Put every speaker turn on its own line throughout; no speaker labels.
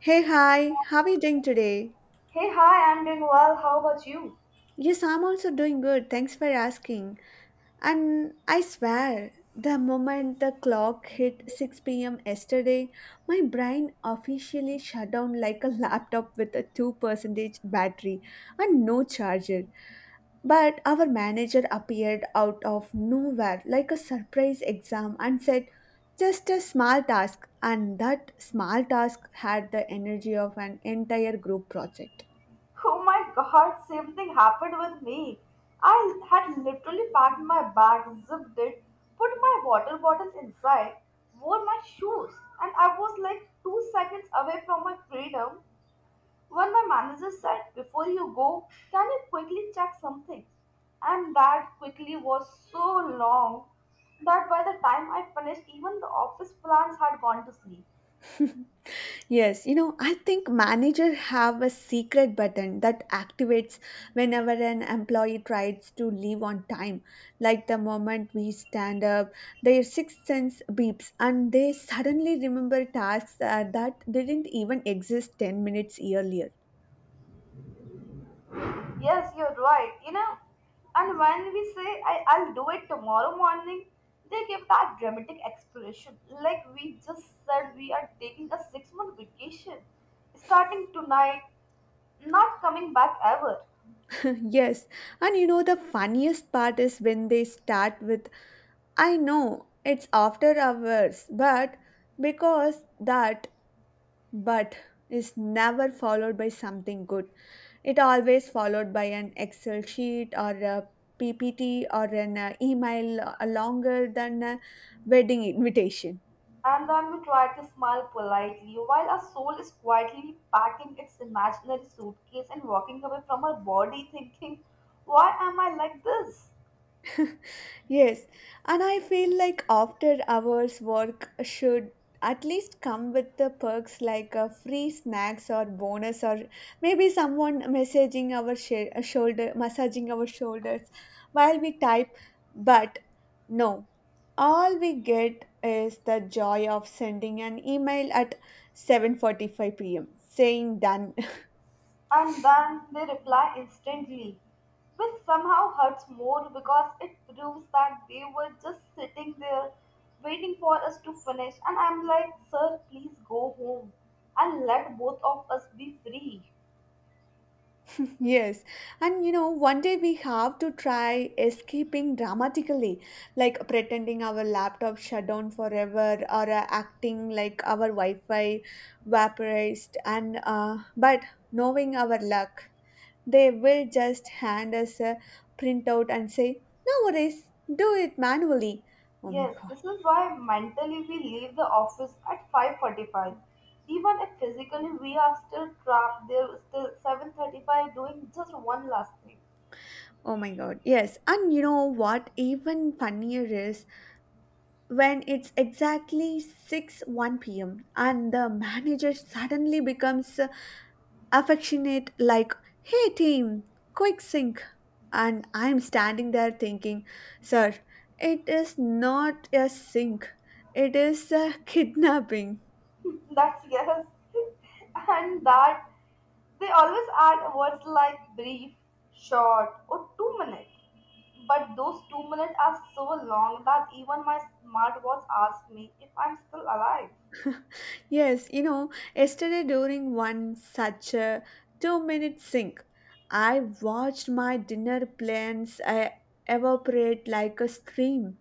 Hey, hi, how are you doing today?
Hey, hi, I'm doing well. How about you?
Yes, I'm also doing good. Thanks for asking. And I swear, the moment the clock hit 6 p.m. yesterday, my brain officially shut down like a laptop with a 2% battery and no charger. But our manager appeared out of nowhere like a surprise exam and said, just a small task, and that small task had the energy of an entire group project.
Oh my god, same thing happened with me. I had literally packed my bag, zipped it, put my water bottle inside, wore my shoes, and I was like 2 seconds away from my freedom when my manager said, before you go, can you quickly check something? And that quickly was so long that by the time I finished, even the office plants had gone to sleep.
Yes, you know, I think manager have a secret button that activates whenever an employee tries to leave on time. Like the moment we stand up, their sixth sense beeps and they suddenly remember tasks that didn't even exist 10 minutes earlier.
Yes, you're right. You know, and when we say I'll do it tomorrow morning, they give that dramatic explanation. Like we just said, we are taking a 6 month vacation starting tonight, not coming back ever.
Yes, and you know the funniest part is when they start with I know it's after hours, but because that but is never followed by something good. It always followed by an Excel sheet or a PPT or an email longer than a wedding invitation.
And then we try to smile politely while our soul is quietly packing its imaginary suitcase and walking away from our body thinking, why am I like this?
Yes, and I feel like after hours work should at least come with the perks like free snacks or bonus or maybe someone messaging our shoulder massaging our shoulders while we type, but no, all we get is the joy of sending an email at 7:45 p.m. saying done.
And then they reply instantly, which somehow hurts more because it proves that they were just sitting there waiting for us to finish. And I'm like, sir, please go home and let both of us be free.
Yes, and you know, one day we have to try escaping dramatically, like pretending our laptop shut down forever or acting like our Wi Fi vaporized. And but knowing our luck, they will just hand us a printout and say, No worries, do it manually. Oh my
Yes,
god.
this is why mentally we leave the office at 5:45. Even if physically we are still trapped there, still 7:35 doing just one last thing.
Oh my god, yes. And you know what? Even funnier is when it's exactly 6 1 p.m. and the manager suddenly becomes affectionate, like, hey team, quick sync. And I'm standing there thinking, sir, it is not a sync, it is a kidnapping.
That's yes. And that they always add words like brief, short, or 2 minute. But those 2 minutes are so long that even my smartwatch asks me if I'm still alive.
Yes, you know, yesterday during one such a 2 minute sink, I watched my dinner plans evaporate like a stream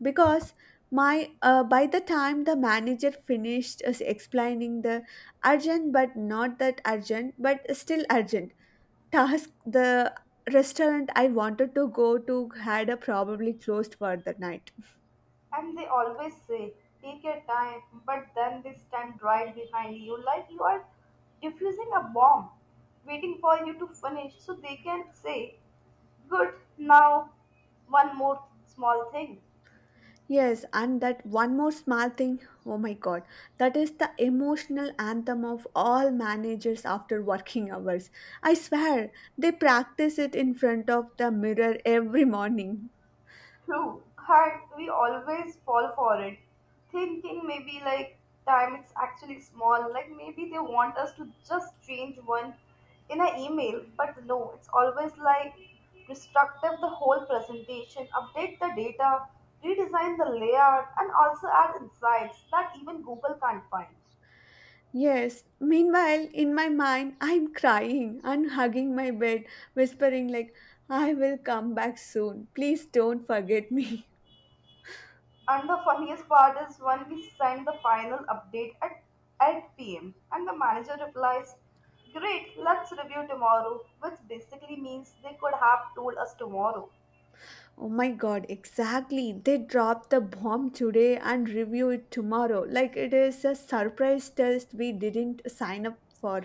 because my by the time the manager finished us explaining the urgent but not that urgent but still urgent task, the restaurant I wanted to go to had a probably closed for the night.
And they always say, take your time, but then they stand right behind you like you are diffusing a bomb, waiting for you to finish so they can say, good, now one more small thing.
Yes, and that one more small thing, oh my god, that is the emotional anthem of all managers after working hours. I swear, they practice it in front of the mirror every morning.
True, and we always fall for it, thinking maybe like time it's actually small, like maybe they want us to just change one in an email, but no, it's always like destructive the whole presentation, update the data, redesign the layout, and also add insights that even Google can't find.
Yes, meanwhile, in my mind, I'm crying and hugging my bed, whispering, like, I will come back soon. Please don't forget me.
And the funniest part is when we send the final update at 8 p.m. and the manager replies, great, let's review tomorrow, which basically means they could have told us tomorrow.
Oh my god, exactly. They drop the bomb today and review it tomorrow. Like it is a surprise test we didn't sign up for.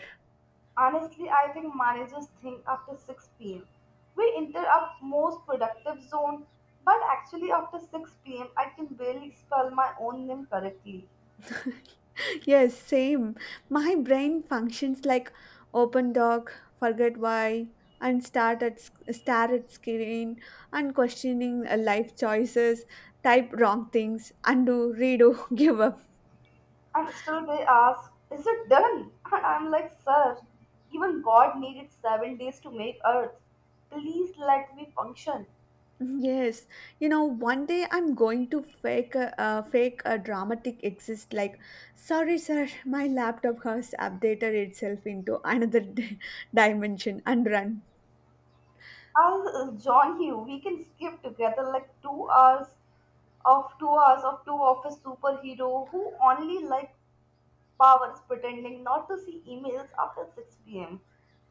Honestly, I think managers think after 6 pm. We enter our most productive zone, but actually, after 6 p.m., I can barely spell my own name correctly.
Yes, same. My brain functions like open doc, forget why, and stare at screen and questioning life choices, type wrong things, undo, redo, give up.
And still they ask, is it done? And I'm like, sir, even God needed 7 days to make earth. Please let me function.
Yes, you know, one day I'm going to fake a dramatic exist, like, sorry, sir, my laptop has updated itself into another dimension and run.
I'll join you. We can skip together like two hours of two of a superhero who only like powers pretending not to see emails after 6 p.m.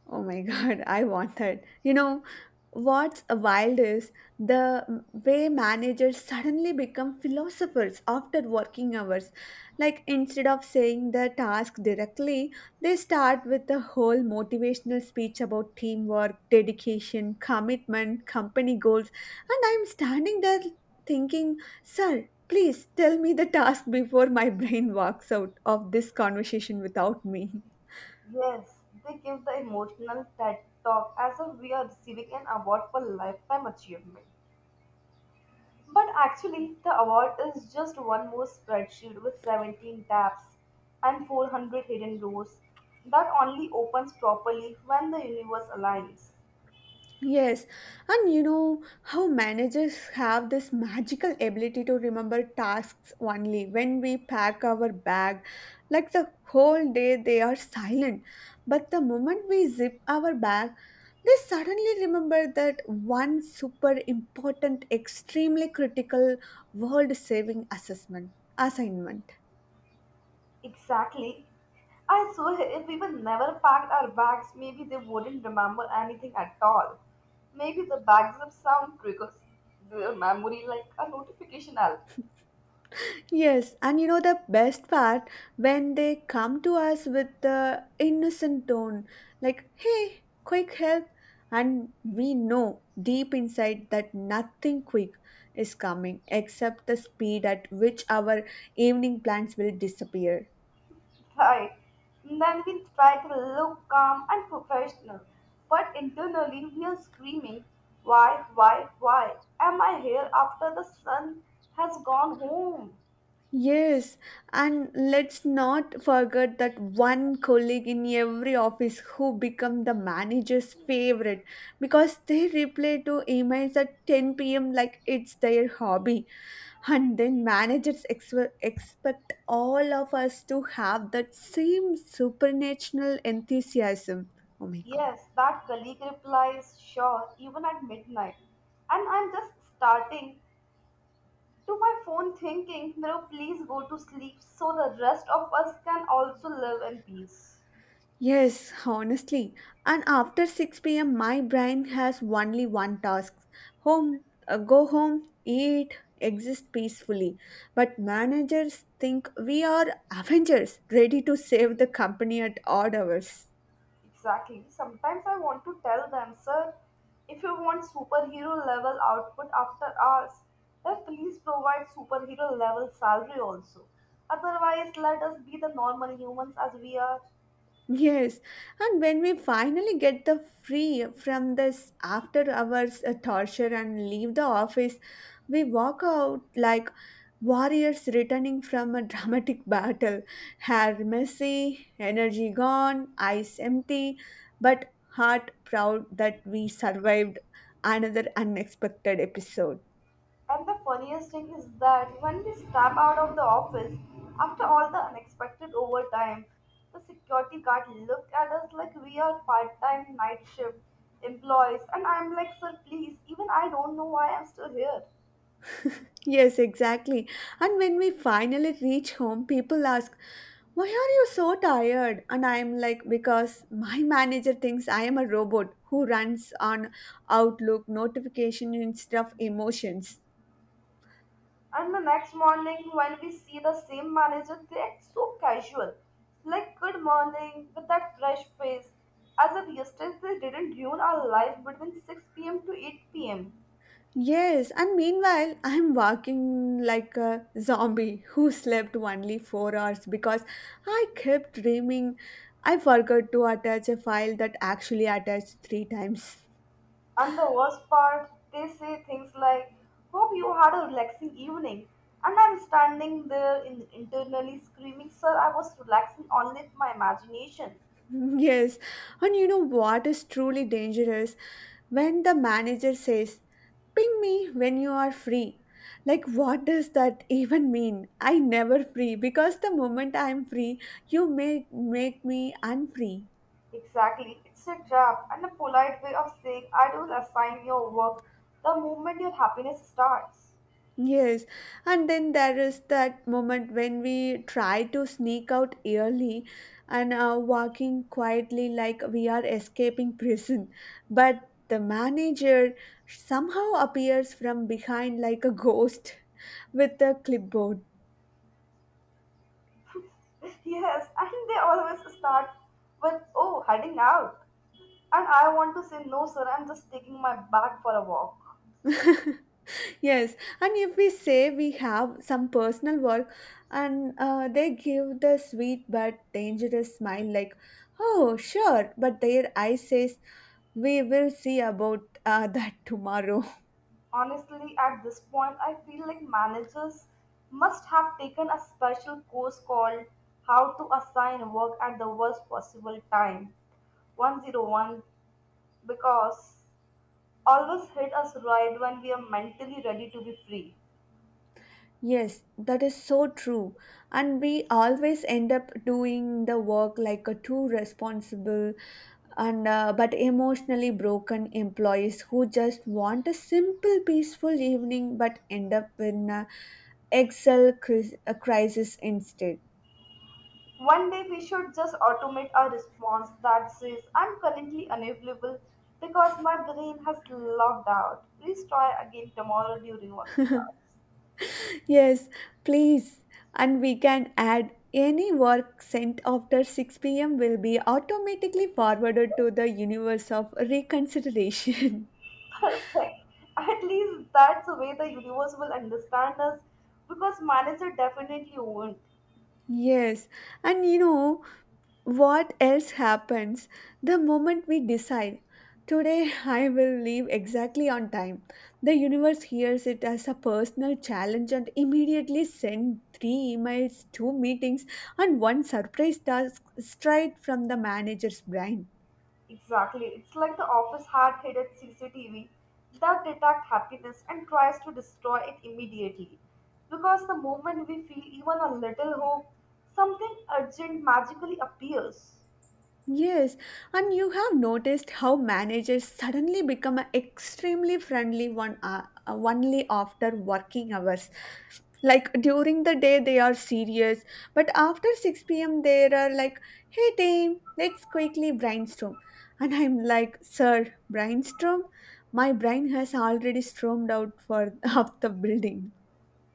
Oh my God, I want that. You know, what's wild is the way managers suddenly become philosophers after working hours. Like, instead of saying the task directly, they start with a whole motivational speech about teamwork, dedication, commitment, company goals. And I'm standing there thinking, sir, please tell me the task before my brain walks out of this conversation without me.
Yes, they give the emotional TED talk as if we are receiving an award for lifetime achievement. But actually, the award is just one more spreadsheet with 17 tabs and 400 hidden rows that only opens properly when the universe aligns.
Yes, and you know how managers have this magical ability to remember tasks only when we pack our bag. Like the whole day, they are silent, but the moment we zip our bag, they suddenly remember that one super important, extremely critical world saving assessment assignment.
Exactly. I swear, if we were never packed our bags, maybe they wouldn't remember anything at all. Maybe the bags of sound triggers their memory like a notification alarm.
Yes, and you know the best part when they come to us with the innocent tone, like, hey, quick help. And we know deep inside that nothing quick is coming except the speed at which our evening plans will disappear.
Right. Then we try to look calm and professional, but internally we are screaming, why, why am I here after the sun has gone home?
Yes, and let's not forget that one colleague in every office who become the manager's favorite because they reply to emails at 10 p.m. like it's their hobby. And then managers expect all of us to have that same supernatural enthusiasm. Oh my god.
Yes, that colleague replies, sure, even at midnight. And I'm just starting to my phone thinking, no, please go to sleep so the rest of us can also live in peace.
Yes, honestly. And after 6 p.m., my brain has only one task home, go home, eat, exist peacefully. But managers think we are Avengers ready to save the company at odd hours.
Exactly. Sometimes I want to tell them, sir, if you want superhero level output after hours, then please provide superhero level salary also. Otherwise, let us be the normal humans as we are.
Yes, and when we finally get the free from this after hours torture and leave the office, we walk out like warriors returning from a dramatic battle, hair messy, energy gone, eyes empty, but heart proud that we survived another unexpected episode.
And the funniest thing is that when we step out of the office after all the unexpected overtime, the security guard look at us like we are part-time night shift employees. And I'm like, sir, please, even I don't know why I'm still here.
Yes, exactly. And when we finally reach home, people ask, Why are you so tired? And I'm like, Because my manager thinks I am a robot who runs on Outlook notification instead of emotions.
And the next morning, when we see the same manager, they act so casual, like good morning with that fresh face, as if yesterday didn't ruin our life between 6 p.m. to 8 pm.
Yes, and meanwhile, I'm walking like a zombie who slept only 4 hours because I kept dreaming I forgot to attach a file that actually attached three times.
And the worst part, they say things like, hope you had a relaxing evening. And I'm standing there in, internally screaming, sir, I was relaxing only with my imagination.
Yes, and you know what is truly dangerous? When the manager says, Ping me when you are free. Like, what does that even mean? I never free because the moment I'm free, you make me unfree.
Exactly. It's a trap and a polite way of saying I will assign your work the moment your happiness starts.
Yes, and then there is that moment when we try to sneak out early and are walking quietly like we are escaping prison, but the manager somehow appears from behind like a ghost with a clipboard.
Yes, and they always start with, oh, heading out. And I want to say, no, sir, I'm just taking my bag for a walk.
Yes, and if we say we have some personal work and they give the sweet but dangerous smile, like, oh, sure, but their eye says, we will see about that tomorrow.
Honestly, at this point, I feel like managers must have taken a special course called how to assign work at the worst possible time 101 because always hit us right when we are mentally ready to be free.
Yes, that is so true. And we always end up doing the work like a too responsible and but emotionally broken employees who just want a simple peaceful evening but end up in a excel cris- a crisis instead.
One day we should just automate our response that says, I'm currently unavailable because my brain has logged out. Please try again tomorrow during working hours.
Yes, please. And we can add any work sent after 6 p.m. will be automatically forwarded to the universe of reconsideration.
Perfect. At least that's the way the universe will understand us because manager definitely won't.
Yes, and you know what else happens the moment we decide today I will leave exactly on time. The universe hears it as a personal challenge and immediately sends three emails, two meetings, and one surprise task straight from the manager's brain.
Exactly. It's like the office had hidden CCTV that detects happiness and tries to destroy it immediately. Because the moment we feel even a little hope, something urgent magically appears.
Yes, and you have noticed how managers suddenly become extremely friendly one only after working hours, like during the day they are serious, but after 6 p.m. they are like, hey team, let's quickly brainstorm. And I'm like, sir, brainstorm, my brain has already stormed out for of the building.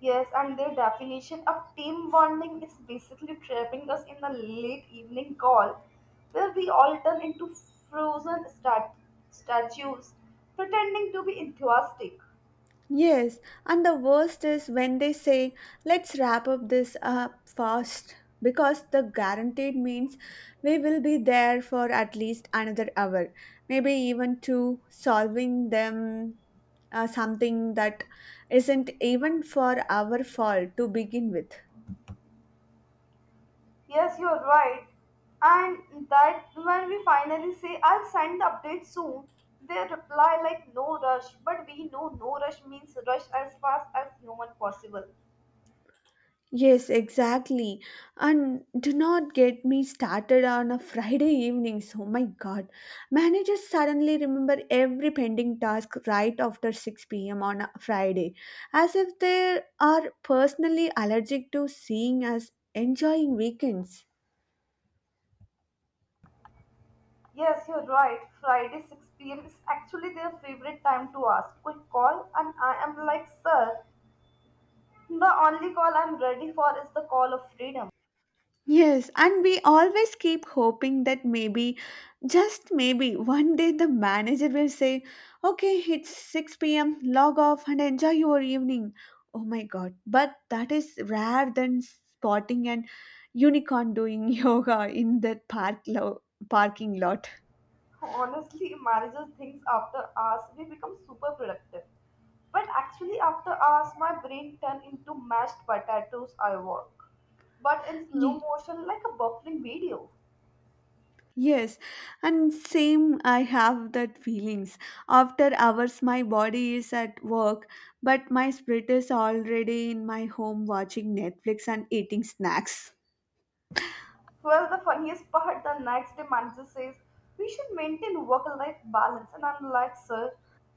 Yes, and their definition of team bonding is basically trapping us in a late evening call where we all turn into frozen statues pretending to be enthusiastic.
Yes, and the worst is when they say let's wrap up this up fast because the guaranteed means we will be there for at least another hour, maybe even two, solving them something that isn't even for our fault to begin with.
Yes, you're right. And that when we finally say, I'll send the update soon, they reply like, no rush. But we know no rush means rush as fast as human possible.
Yes, exactly. And do not get me started on a Friday evenings. Oh my god. Managers suddenly remember every pending task right after 6 p.m. on a Friday, as if they are personally allergic to seeing us enjoying weekends.
Yes, you're right. Friday 6 p.m. is actually their favorite time to ask. Quick call, and I am like, sir, the only call I'm ready for is the call of freedom.
Yes, and we always keep hoping that maybe, just maybe, one day the manager will say, Okay, it's 6 p.m., log off and enjoy your evening. Oh my god, but that is rare than spotting an unicorn doing yoga in that parking lot.
Honestly, manages things after hours, we become super productive. But actually, after hours, my brain turns into mashed potatoes. I work, but in slow motion, like a buffering video.
Yes, and same I have that feelings. After hours my body is at work, but my spirit is already in my home watching Netflix and eating snacks.
Well, the funniest part, the next day manager says, "We should maintain work-life balance," and I'm like, "Sir,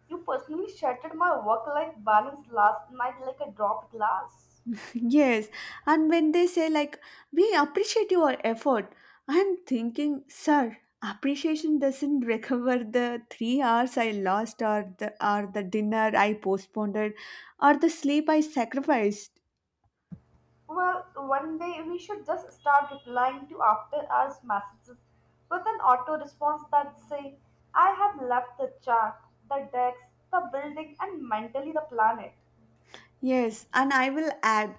you personally shattered my work-life balance last night like a dropped glass."
Yes, and when they say like we appreciate your effort, I'm thinking, sir, appreciation doesn't recover the 3 hours I lost or the dinner I postponed or the sleep I sacrificed.
Well, one day we should just start replying to after hours messages with an auto response that say, I have left the chart, the decks, the building, and mentally the planet.
Yes, and I will add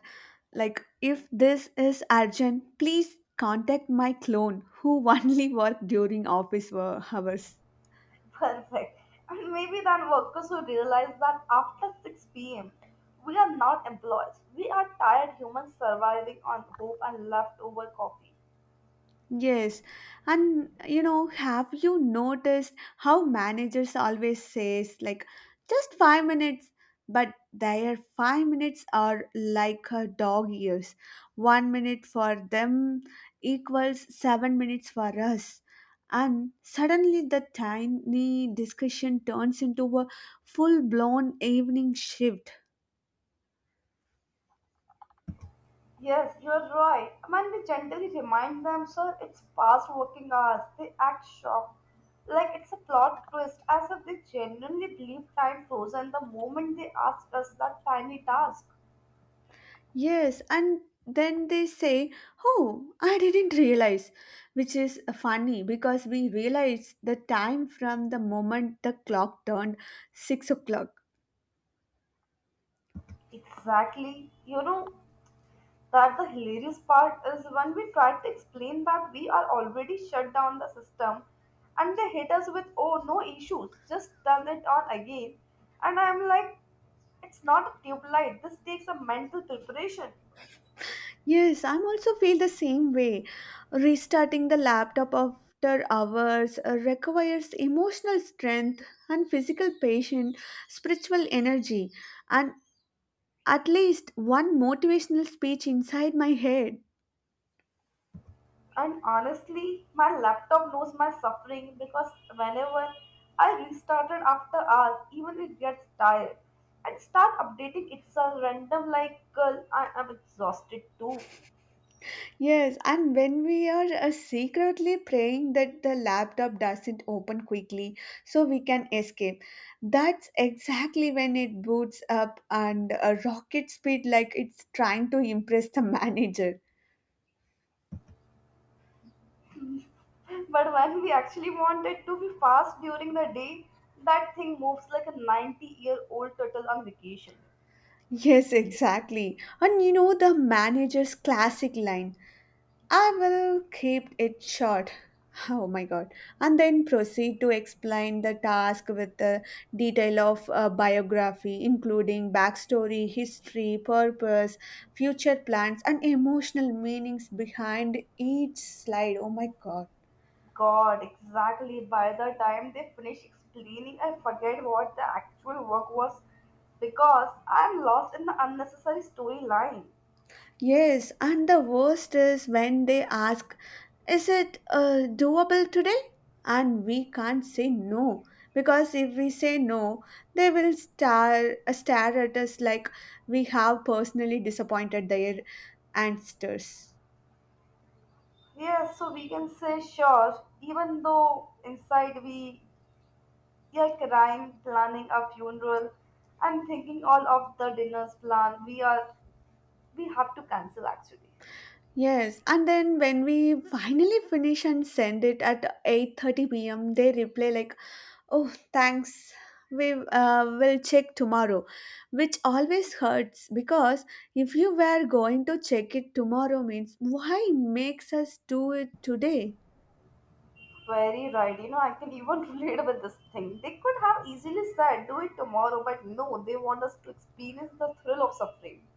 like if this is urgent, please contact my clone who only work during office hours.
Perfect. And maybe then workers will realize that after 6 p.m., we are not employees. We are tired humans surviving on hope and leftover coffee.
Yes, and you know, have you noticed how managers always says like just 5 minutes, but their 5 minutes are like a dog years. 1 minute for them equals 7 minutes for us. And suddenly the tiny discussion turns into a full blown evening shift.
Yes, you are right. When we gently remind them, sir, it's past working hours, they act shocked. Like it's a plot twist, as if they genuinely believe time froze and the moment they ask us that tiny task.
Yes, and then they say, Oh, I didn't realize, which is funny because we realize the time from the moment the clock turned 6 o'clock.
Exactly. You know, that the hilarious part is when we try to explain that we are already shut down the system and they hit us with, oh, no issues, just turn it on again. And I'm like, it's not a tube light, this takes a mental preparation.
Yes, I'm also feel the same way. Restarting the laptop after hours requires emotional strength and physical patience, spiritual energy, and at least one motivational speech inside my head.
And honestly, my laptop knows my suffering because whenever I restart it after hours, even it gets tired and start updating itself random like, girl, I am exhausted too.
Yes, and when we are secretly praying that the laptop doesn't open quickly so we can escape, that's exactly when it boots up and a rocket speed like it's trying to impress the manager.
But when we actually want it to be fast during the day, that thing moves like a 90-year-old turtle on vacation.
Yes, exactly. And you know the manager's classic line. I will keep it short. Oh my god. And then proceed to explain the task with the detail of a biography, including backstory, history, purpose, future plans, and emotional meanings behind each slide. Oh my god.
God, exactly. By the time they finish explaining, I forget what the actual work was because I'm lost in the unnecessary storyline.
Yes, and the worst is when they ask, is it doable today? And we can't say no because if we say no, they will stare at us like we have personally disappointed their ancestors.
Yes, so we can say sure, even though inside we are crying, planning our funeral, and thinking all of the dinners plan, we have to cancel actually.
Yes, and then when we finally finish and send it at 8:30 p.m., they reply like, "Oh, thanks. We will check tomorrow," which always hurts because if you were going to check it tomorrow means why makes us do it today?
Very right, you know, I can even relate with this thing. They could have easily said, do it tomorrow, but no, they want us to experience the thrill of suffering.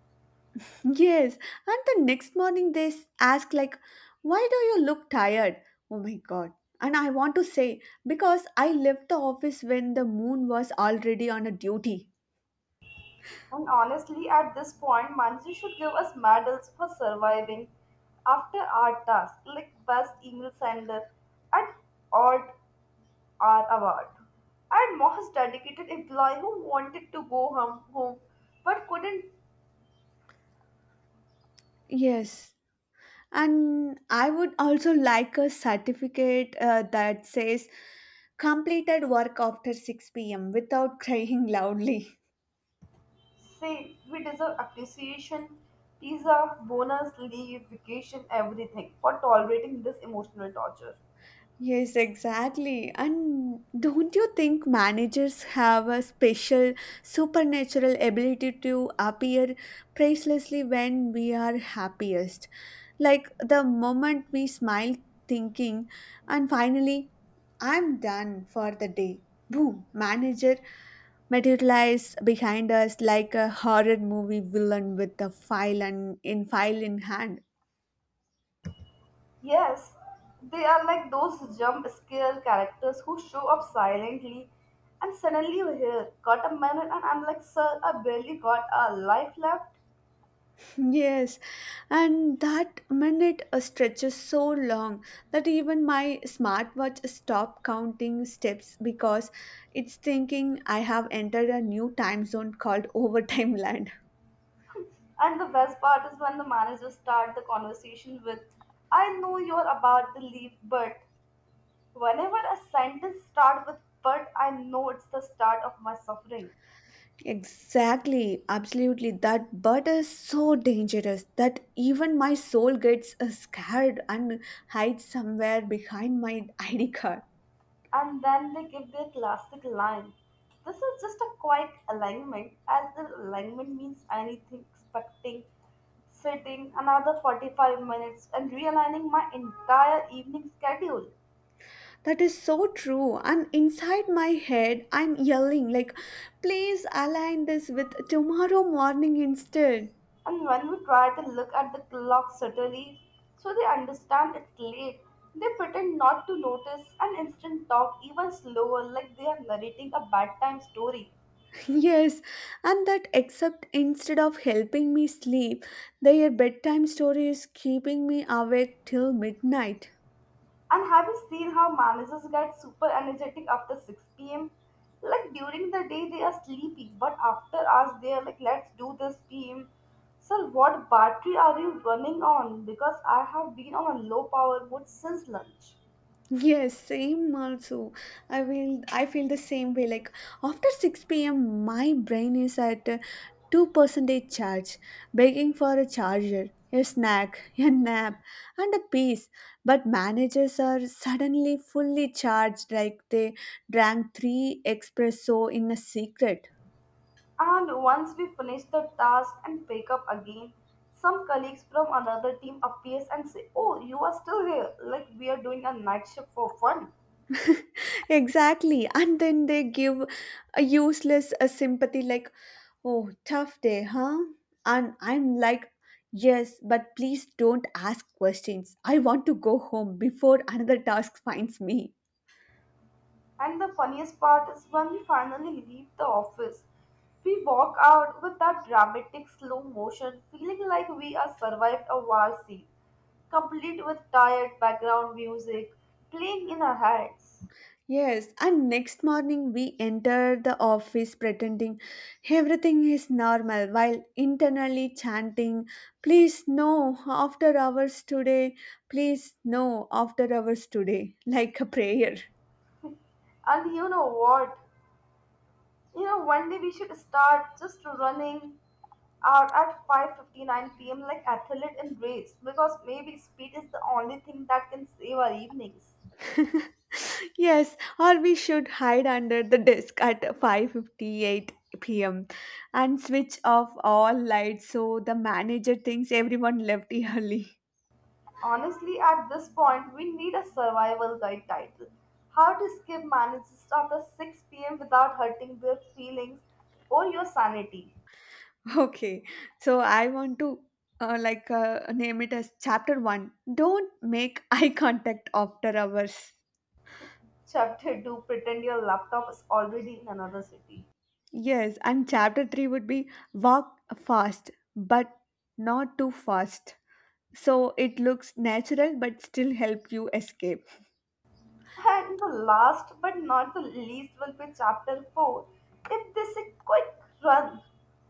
Yes, and the next morning they ask like, "Why do you look tired?" Oh my god. And I want to say because I left the office when the moon was already on a duty.
And honestly, at this point, Manji should give us medals for surviving after our task, like best email sender at all are award. And most dedicated employee who wanted to go home but couldn't
Yes. And I would also like a certificate that says completed work after 6 p.m. without crying loudly.
say we deserve appreciation, pizza, bonus, leave, vacation, everything for tolerating this emotional torture.
Yes, exactly. And don't you think managers have a special supernatural ability to appear pricelessly when we are happiest? Like the moment we smile thinking and finally I'm done for the day, boom, manager materialize behind us like a horror movie villain with a file and in file in hand.
Yes, they are like those jump scare characters who show up silently and suddenly you're here, got a minute and I'm like, sir, I barely got a life left.
Yes, and that minute stretches so long that even my smartwatch stopped counting steps because it's thinking I have entered a new time zone called overtime land.
And the best part is when the managers start the conversation with, I know you're about to leave, but whenever a sentence starts with but, I know it's the start of my suffering.
Exactly, absolutely. That bird is so dangerous that even my soul gets scared and hides somewhere behind my ID card.
And then they give their classic line. This is just a quiet alignment, as the alignment means anything expecting, sitting another 45 minutes and realigning my entire evening schedule.
That is so true. And inside my head, I'm yelling, like, please align this with tomorrow morning instead.
And when we try to look at the clock subtly, so they understand it's late, they pretend not to notice and instead talk even slower, like they are narrating a bedtime story.
Yes, and that except instead of helping me sleep, their bedtime story is keeping me awake till midnight.
And have you seen how managers get super energetic after 6 p.m.? Like during the day, they are sleepy, but after hours, they are like, let's do this pm. Sir, what battery are you running on? Because I have been on a low power mode since lunch.
Yes, same also. I feel the same way. Like after 6 p.m. my brain is at 2% charge, begging for a charger, a snack, a nap, and a piece. But managers are suddenly fully charged like they drank three espresso in a secret.
And once we finish the task and pick up again, some colleagues from another team appears and say, "Oh, you are still here," like we are doing a night shift for fun.
Exactly. And then they give a useless a sympathy like, oh, tough day, huh? And I'm like, yes, but please don't ask questions. I want to go home before another task finds me.
And the funniest part is when we finally leave the office, we walk out with that dramatic slow motion, feeling like we are survived a war scene, complete with tired background music playing in our heads.
Yes, and next morning we enter the office pretending everything is normal while internally chanting, please no after hours today, please no after hours today, like a prayer.
And you know what? One day we should start just running out at 5:59 p.m. like athlete in race, because maybe speed is the only thing that can save our evenings.
Yes, or we should hide under the desk at 5:58 p.m. and switch off all lights so the manager thinks everyone left early.
Honestly, at this point, we need a survival guide title. How to skip manages after 6 p.m. without hurting their feelings or your sanity.
Okay. So I want to like name it as chapter 1. Don't make eye contact after hours.
Chapter 2, pretend your laptop is already in another city.
Yes, and chapter 3 would be walk fast but not too fast. So it looks natural but still help you escape.
And the last but not the least will be chapter 4, If They Say Quick, Run.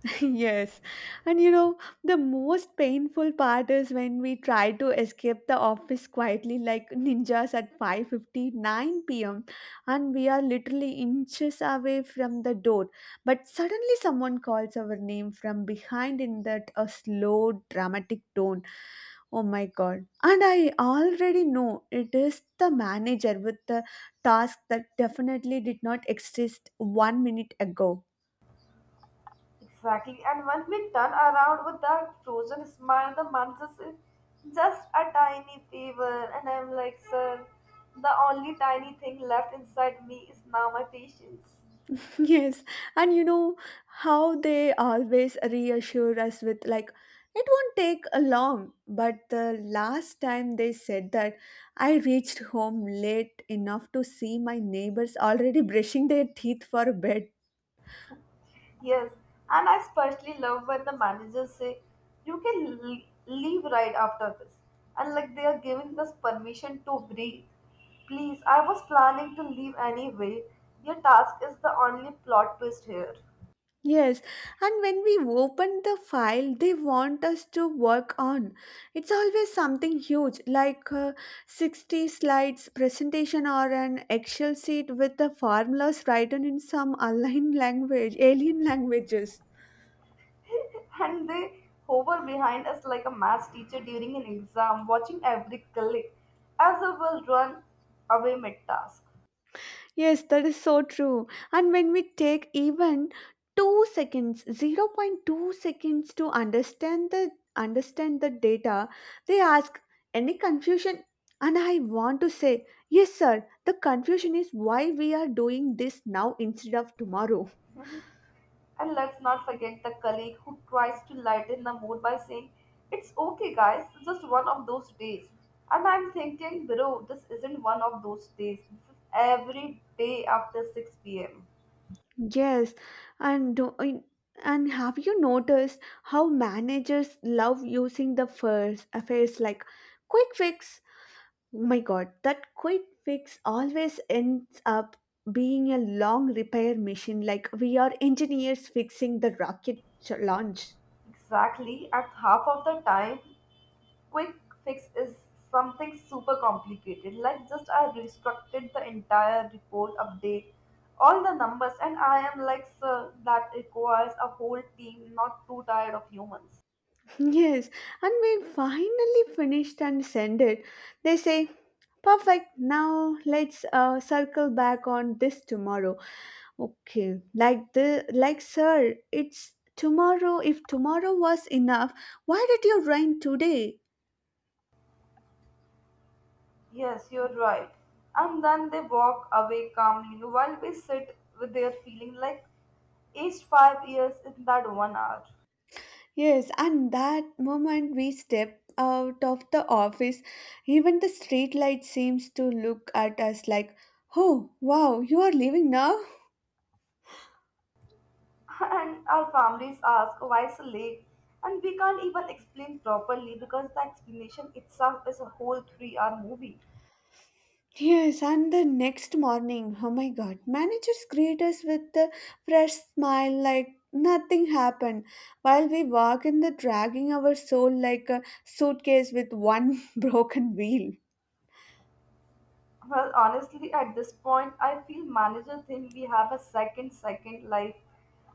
Yes. And you know, the most painful part is when we try to escape the office quietly like ninjas at 5:59 p.m. and we are literally inches away from the door, but suddenly someone calls our name from behind in that a slow dramatic tone. Oh my god. And I already know it is the manager with the task that definitely did not exist 1 minute ago.
Exactly. And when we turn around with that frozen smile, the man just says, "Just a tiny favor." And I'm like, sir, the only tiny thing left inside me is now my patience.
Yes, and you know how they always reassure us with, like, it won't take a long. But the last time they said that, I reached home late enough to see my neighbors already brushing their teeth for bed.
Yes. And I especially love when the managers say, "You can leave right after this," and like they are giving us permission to breathe. Please, I was planning to leave anyway. Your task is the only plot twist here.
Yes, and when we open the file they want us to work on, it's always something huge like a 60 slides presentation or an Excel sheet with the formulas written in some alien languages.
And they hover behind us like a math teacher during an exam, watching every colleague, as if we'll run away mid task.
Yes, that is so true. And when we take even 2 seconds, 0. 0.2 seconds to understand the data, they ask any confusion and I want to say, yes sir, the confusion is why we are doing this now instead of tomorrow.
And let's not forget the colleague who tries to lighten the mood by saying, "It's okay, guys, it's just one of those days." And I'm thinking, bro, this isn't one of those days. This is every day after 6 pm.
Yes, and do- in- and have you noticed how managers love using the first affairs like quick fix. Oh my god, that quick fix always ends up being a long repair mission, like we are engineers fixing the launch.
Exactly, and half of the time quick fix is something super complicated. Like, just I restructured the entire report update, all the numbers, and I am like, sir, that requires a whole team, not too tired of humans.
Yes, and when finally finished and send it, they say, perfect, now let's circle back on this tomorrow. Okay, like the like sir, it's tomorrow. If tomorrow was enough, why did you rain today?
Yes, you're right. And then they walk away calmly while we sit with their feeling like aged 5 years in that one hour.
Yes, and that moment we step out of the office, even the street light seems to look at us like, oh, wow, you are leaving now?
And our families ask why so late, and we can't even explain properly because the explanation itself is a whole 3 hour movie.
Yes, and the next morning, oh my god, managers greet us with a fresh smile like nothing happened, while we walk in the dragging our soul like a suitcase with one broken wheel.
Well, honestly, at this point, I feel manager think we have a second life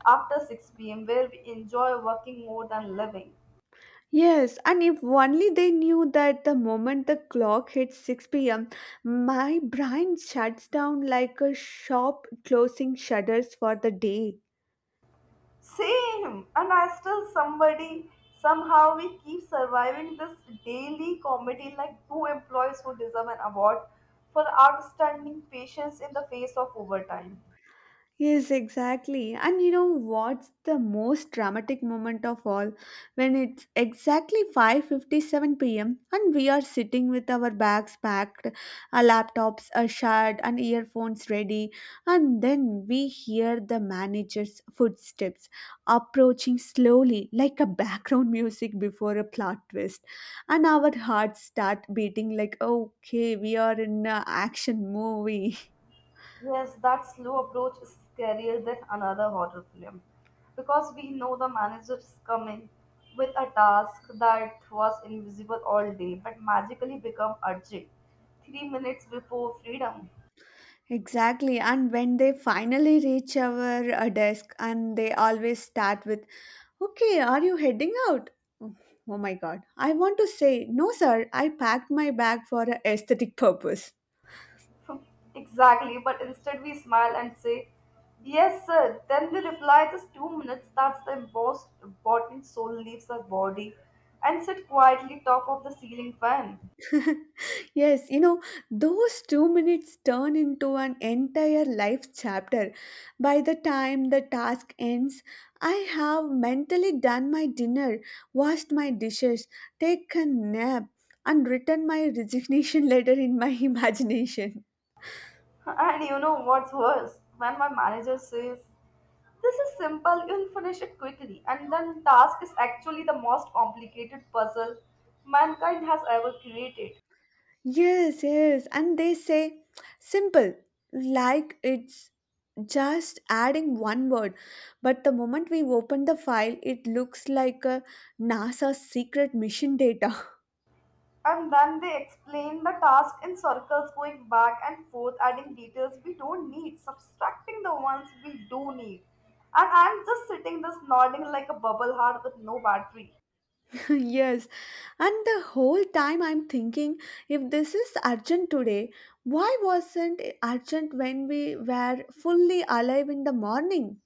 after 6 p.m. where we enjoy working more than living.
Yes, and if only they knew that the moment the clock hits 6 p.m., my brain shuts down like a shop closing shutters for the day.
Same, and I still somebody somehow we keep surviving this daily comedy like two employees who deserve an award for outstanding patience in the face of overtime.
Yes, exactly. And you know what's the most dramatic moment of all? When it's exactly 5:57 p.m. and we are sitting with our bags packed, our laptops are shut and earphones ready, and then we hear the manager's footsteps approaching slowly like a background music before a plot twist. And our hearts start beating like, "Okay, we are in an action movie."
Yes, that slow approach is scarier than another horror film because we know the manager is coming with a task that was invisible all day but magically become urgent 3 minutes before freedom.
Exactly. And when they finally reach our desk, and they always start with, okay, are you heading out? Oh oh my god. I want to say, no, sir, I packed my bag for a aesthetic purpose.
Exactly, but instead we smile and say, "Yes, sir." Then we reply, "Just 2 minutes." That's the most important soul leaves our body and sit quietly top of the ceiling fan.
Yes, you know, those 2 minutes turn into an entire life chapter. By the time the task ends, I have mentally done my dinner, washed my dishes, taken a nap, and written my resignation letter in my imagination.
And you know what's worse? When my manager says, "This is simple, you'll finish it quickly," and then the task is actually the most complicated puzzle mankind has ever created.
Yes, and they say simple, like it's just adding one word. But the moment we open the file, it looks like a NASA secret mission data.
And then they explain the task in circles, going back and forth, adding details we don't need, subtracting the ones we do need. And I'm just sitting this nodding like a bubble heart with no battery.
Yes, and the whole time I'm thinking if this is urgent today, why wasn't it urgent when we were fully alive in the morning?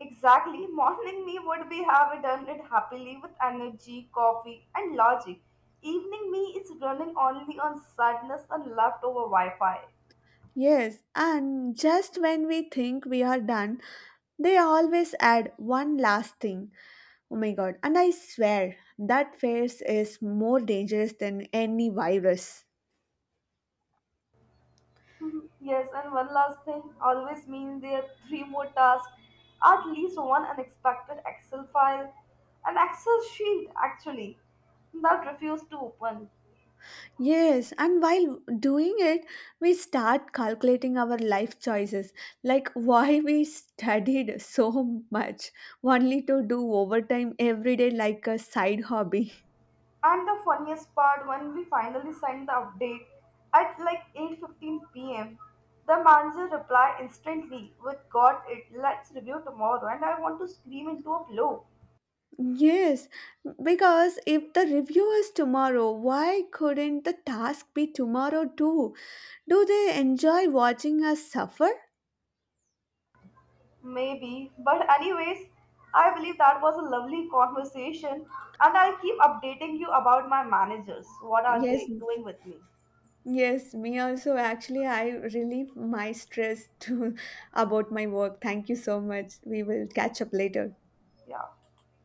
Exactly, morning me would be have done it happily with energy, coffee, and logic. Evening me is running only on sadness and leftover Wi-Fi.
Yes, and just when we think we are done, they always add one last thing. Oh my god, and I swear that phase is more dangerous than any virus.
Yes, and one last thing always mean there are three more tasks, at least one unexpected Excel file, an Excel sheet actually, that refused to open.
Yes, and while doing it, we start calculating our life choices, like why we studied so much, only to do overtime every day like a side hobby.
And the funniest part when we finally sent the update at like 8:15 p.m., the manager replied instantly with, "Got it, let's review tomorrow," and I want to scream into a pillow.
Yes, because if the review is tomorrow, why couldn't the task be tomorrow too? Do they enjoy watching us suffer?
Maybe, but anyways, I believe that was a lovely conversation, and I'll keep updating you about my managers, what are
Yes,
they doing with me.
yes, me also. Actually, I relieve my stress to about my work. Thank you so much. We will catch up later.
Yeah.